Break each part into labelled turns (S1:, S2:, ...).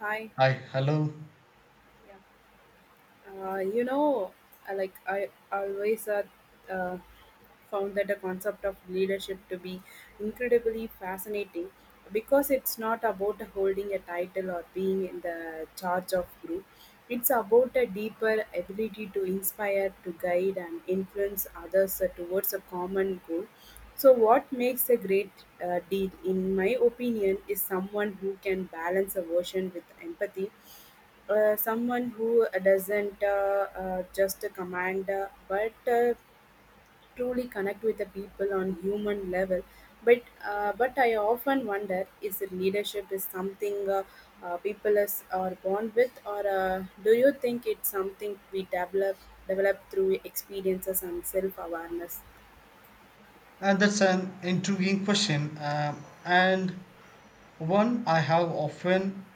S1: Hi.
S2: Hi, hello.
S1: Yeah. Uh, you know, I always uh, found that the concept of leadership to be incredibly fascinating because it's not about holding a title or being in the charge of group. It's about a deeper ability to inspire, to guide, and influence others towards a common goal. So, what makes a great deed, in my opinion, is someone who can balance aversion with empathy, someone who doesn't just command but truly connect with the people on human level, but I often wonder, is it leadership is something people are born with, or do you think it's something we develop through experiences and self awareness?
S2: And that's an intriguing question, and one I have often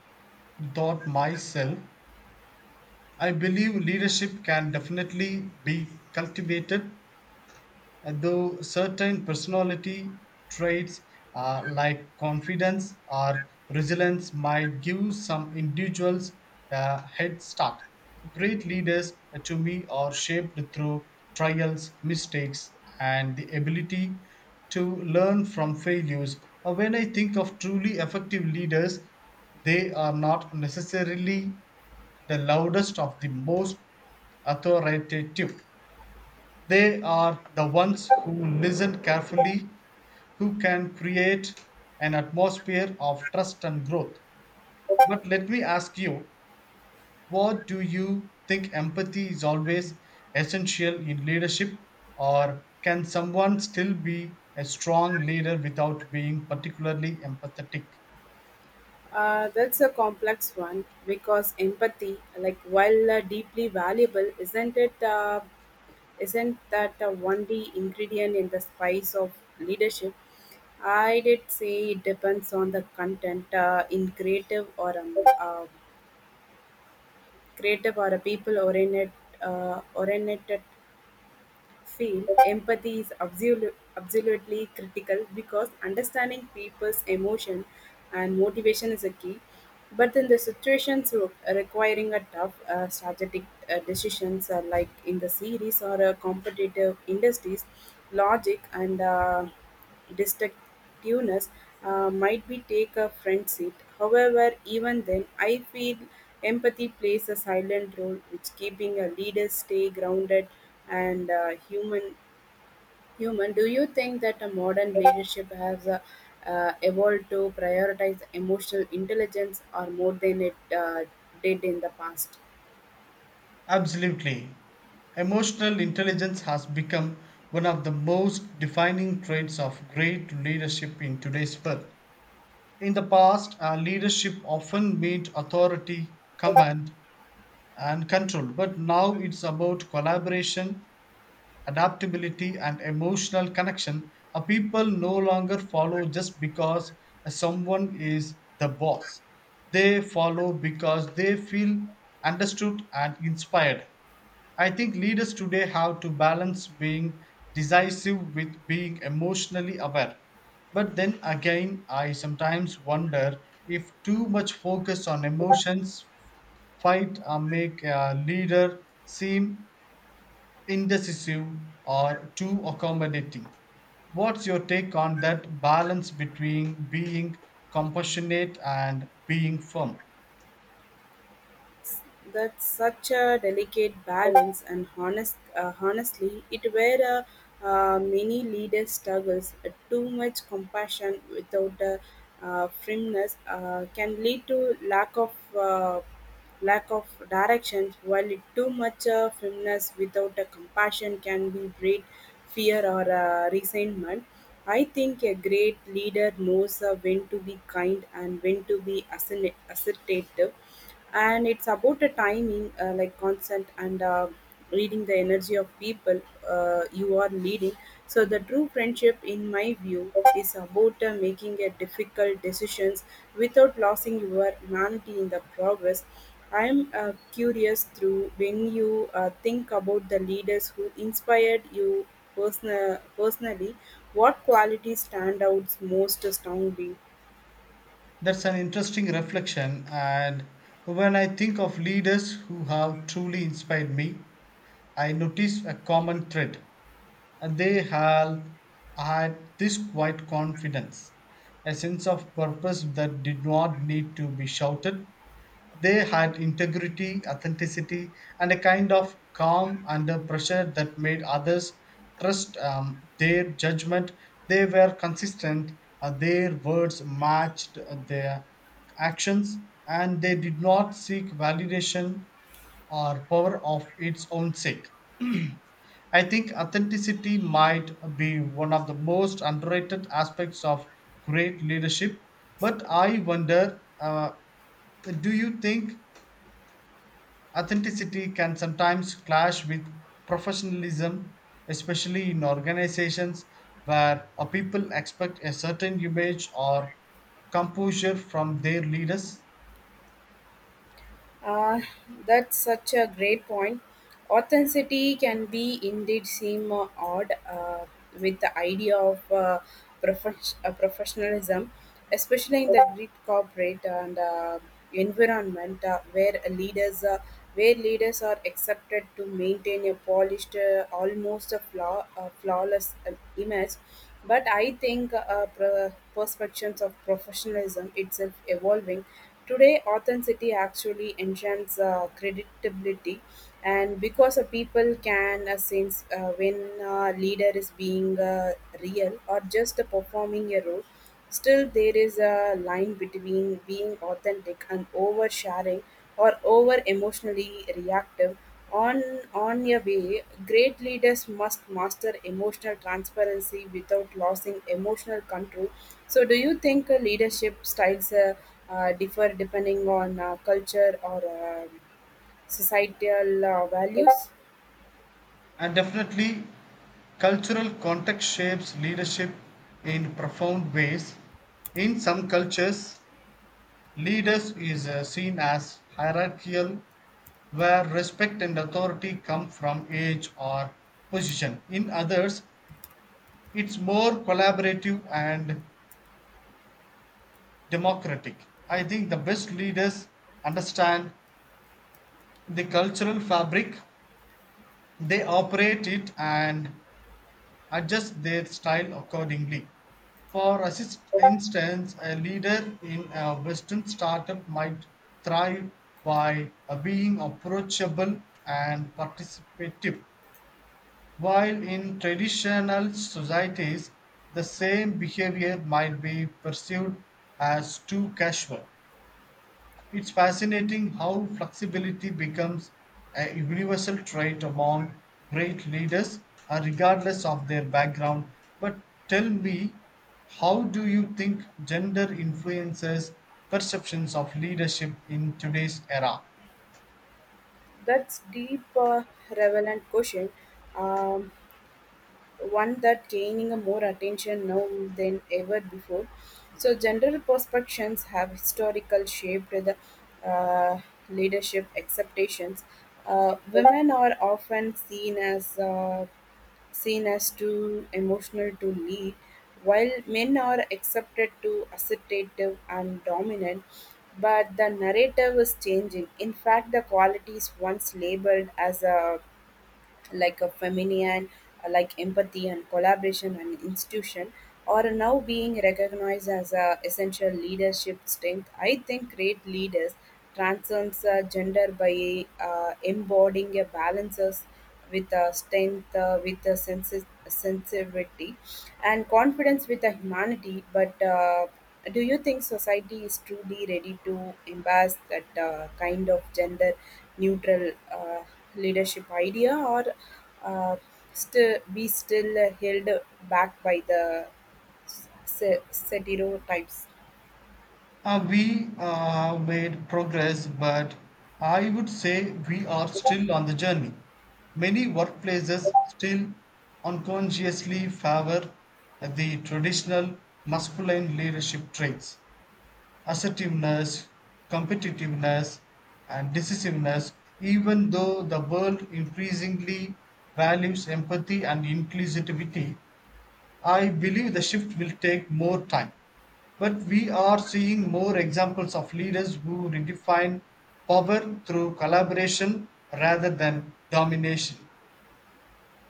S2: thought myself. I believe leadership can definitely be cultivated, though certain personality traits like confidence or resilience might give some individuals a head start. Great leaders, to me, are shaped through trials, mistakes, and the ability to learn from failures. When I think of truly effective leaders, they are not necessarily the loudest of the most authoritative. They are the ones who listen carefully, who can create an atmosphere of trust and growth. But let me ask you, what do you think? Empathy is always essential in leadership, or can someone still be a strong leader without being particularly empathetic?
S1: That's a complex one because empathy, like while deeply valuable, isn't it? Isn't that a D ingredient in the spice of leadership? I did say it depends on the content in creative or a people oriented uh, oriented feel empathy is absolutely critical because understanding people's emotion and motivation is a key. But in the situations requiring a tough strategic decisions, like in the series or competitive industries, logic and distinctiveness might be take a front seat; however, even then, I feel empathy plays a silent role which keeping a leader stay grounded and human. Human, do you think that a modern leadership has evolved to prioritize emotional intelligence or more than it did in the past?
S2: Absolutely. Emotional intelligence has become one of the most defining traits of great leadership in today's world. In the past, leadership often meant authority, command, and control, but now it's about collaboration, adaptability, and emotional connection. People no longer follow just because someone is the boss, they follow because they feel understood and inspired. I think leaders today have to balance being decisive with being emotionally aware. But then again, I sometimes wonder if too much focus on emotions fight or make a leader seem indecisive or too accommodating. What's your take on that balance between being compassionate and being firm?
S1: That's such a delicate balance, and honestly, it where many leaders struggles. Too much compassion without firmness can lead to uh, lack of direction. Too much firmness without a compassion can be breed fear or resentment. I think a great leader knows when to be kind and when to be assertive, and it's about the timing like consent and reading the energy of people you are leading. So the true friendship in my view is about making a difficult decisions without losing your humanity in the progress. I'm curious through, when you think about the leaders who inspired you, personally, what qualities stand out most strongly?
S2: That's an interesting reflection. And when I think of leaders who have truly inspired me, I notice a common thread. And they had this quiet confidence, a sense of purpose that did not need to be shouted. They had integrity, authenticity, and a kind of calm under pressure that made others trust their judgment. They were consistent, their words matched their actions, and they did not seek validation or power of its own sake. I think authenticity might be one of the most underrated aspects of great leadership, but I wonder, do you think authenticity can sometimes clash with professionalism, especially in organizations where people expect a certain image or composure from their leaders?
S1: Uh, that's such a great point. Authenticity can be indeed seem odd with the idea of professionalism, especially in the great corporate and environment, where leaders are accepted to maintain a polished, almost a flawless image. But I think perceptions of professionalism itself evolving. Today, authenticity actually enchants credibility, and because a people can sense when a leader is being real or just performing a role. Still there is a line between being authentic and oversharing or over emotionally reactive on your way, great leaders must master emotional transparency without losing emotional control. So, do you think leadership styles differ depending on culture or societal values?
S2: And definitely, cultural context shapes leadership in profound ways. In some cultures, leaders is seen as hierarchical, where respect and authority come from age or position. In others, it's more collaborative and democratic. I think the best leaders understand the cultural fabric, they operate it and adjust their style accordingly. For instance, a leader in a Western startup might thrive by being approachable and participative, while in traditional societies, the same behavior might be perceived as too casual. It's fascinating how flexibility becomes a universal trait among great leaders, regardless of their background. But tell me, how do you think gender influences perceptions of leadership in today's era?
S1: That's deep, relevant question. Um, One that gaining a more attention now than ever before. So general perceptions have historical shaped the uh, leadership expectations. Women are often seen as too emotional to lead, while men are accepted to assertive and dominant. But the narrative is changing. In fact, the qualities once labeled as a like a feminine, like empathy and collaboration and institution, are now being recognized as a essential leadership strength. I think great leaders transcends gender by embodying a balances with a strength, with a sensitivity, and confidence with a humanity. But do you think society is truly ready to embrace that kind of gender neutral leadership idea, or uh, still be still held back by the stereotypes?
S2: We have made progress, but I would say we are still on the journey. Many workplaces still unconsciously favor the traditional masculine leadership traits: assertiveness, competitiveness, and decisiveness, even though the world increasingly values empathy and inclusivity. I believe the shift will take more time, but we are seeing more examples of leaders who redefine power through collaboration rather than domination.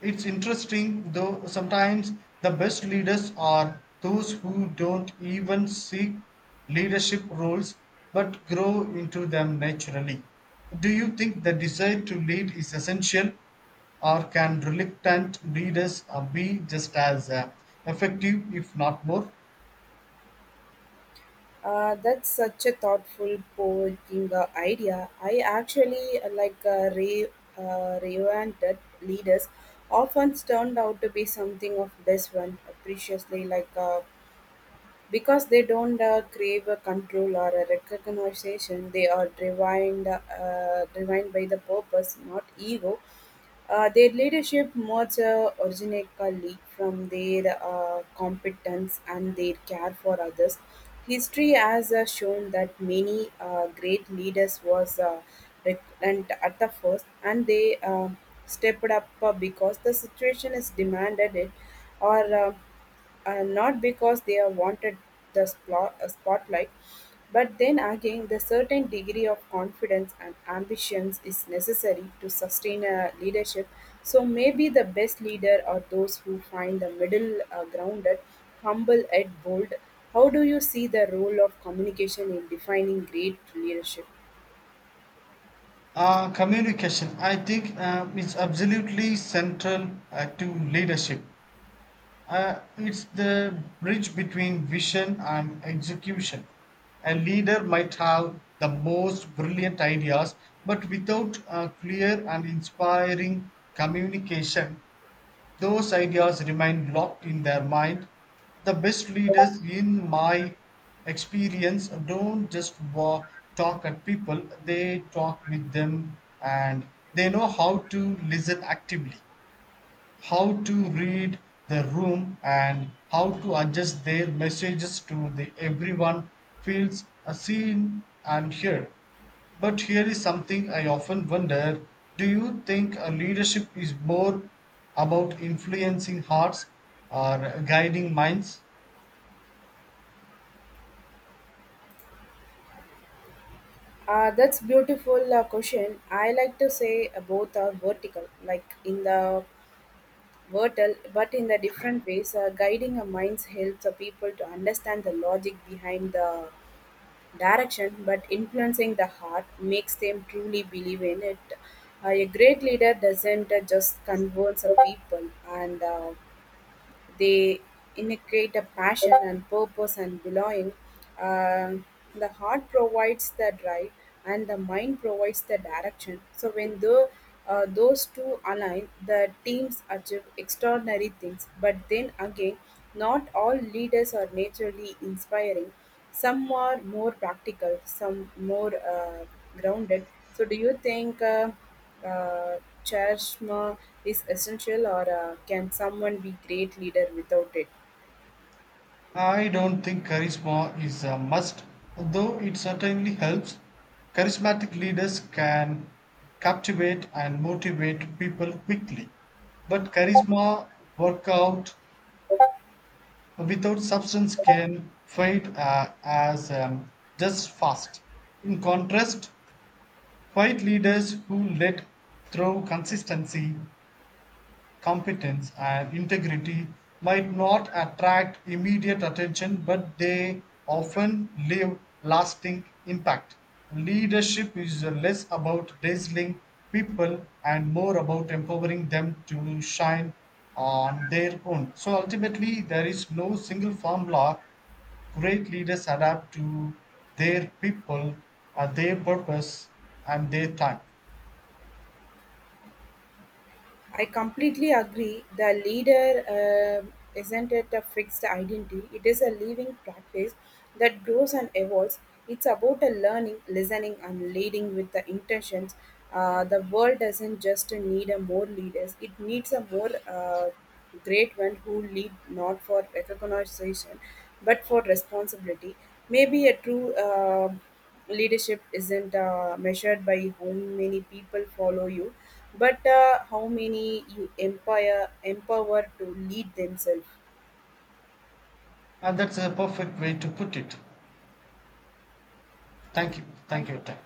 S2: It's interesting though, sometimes the best leaders are those who don't even seek leadership roles but grow into them naturally. Do you think the desire to lead is essential, or can reluctant leaders be just as effective, if not more?
S1: That's such a thoughtful, poking idea. I actually reoriented leaders often turned out to be something of this one, preciously like. Because they don't crave a control or a recognition, they are driven by the purpose, not ego. Their leadership much originally from their competence and their care for others. History has shown that many great leaders was reluctant at the first, and they stepped up because the situation is demanded it, or not because they have wanted the spotlight. But then again, the certain degree of confidence and ambitions is necessary to sustain a leadership. So maybe the best leader are those who find the middle grounded, humble yet bold. How do you see the role of communication in defining great leadership?
S2: Communication, I think, is absolutely central to leadership. It's the bridge between vision and execution. A leader might have the most brilliant ideas, but without a clear and inspiring communication, those ideas remain locked in their mind. The best leaders, in my experience, don't just talk at people, they talk with them, and they know how to listen actively, how to read the room, and how to adjust their messages to the everyone feels seen and heard. But here is something I often wonder. Do you think a leadership is more about influencing hearts or guiding minds?
S1: That's beautiful question. I like to say both are vertical. Like in the Vertal, but in the different ways. Guiding a minds helps the people to understand the logic behind the direction, but influencing the heart makes them truly believe in it. A great leader doesn't just convince the people and they inculcate a passion and purpose and belonging. Um, the heart provides the drive, and the mind provides the direction. So when the those two align, the teams achieve extraordinary things. But then again, not all leaders are naturally inspiring. Some are more practical, some more grounded. So, do you think charisma is essential, or can someone be great leader without it?
S2: I don't think charisma is a must, though it certainly helps. Charismatic leaders can captivate and motivate people quickly, but charisma workout without substance can fade, as just fast. In contrast, quiet leaders who let through consistency, competence, and integrity might not attract immediate attention, but they often leave lasting impact. Leadership is less about dazzling people and more about empowering them to shine on their own. So ultimately, there is no single formula. Great leaders adapt to their people, their purpose, and their time.
S1: I completely agree. The leader isn't it a fixed identity, it is a living practice that grows and evolves. It's about a learning, listening, and leading with the intentions. The world doesn't just need a more leaders, it needs a more great one who lead not for recognition but for responsibility. Maybe a true. Leadership isn't measured by how many people follow you, but how many you empower to lead themselves.
S2: And that's a perfect way to put it.
S1: Yeah.
S2: Thank you.
S1: Thank
S2: Thank you for
S1: you.
S2: your time.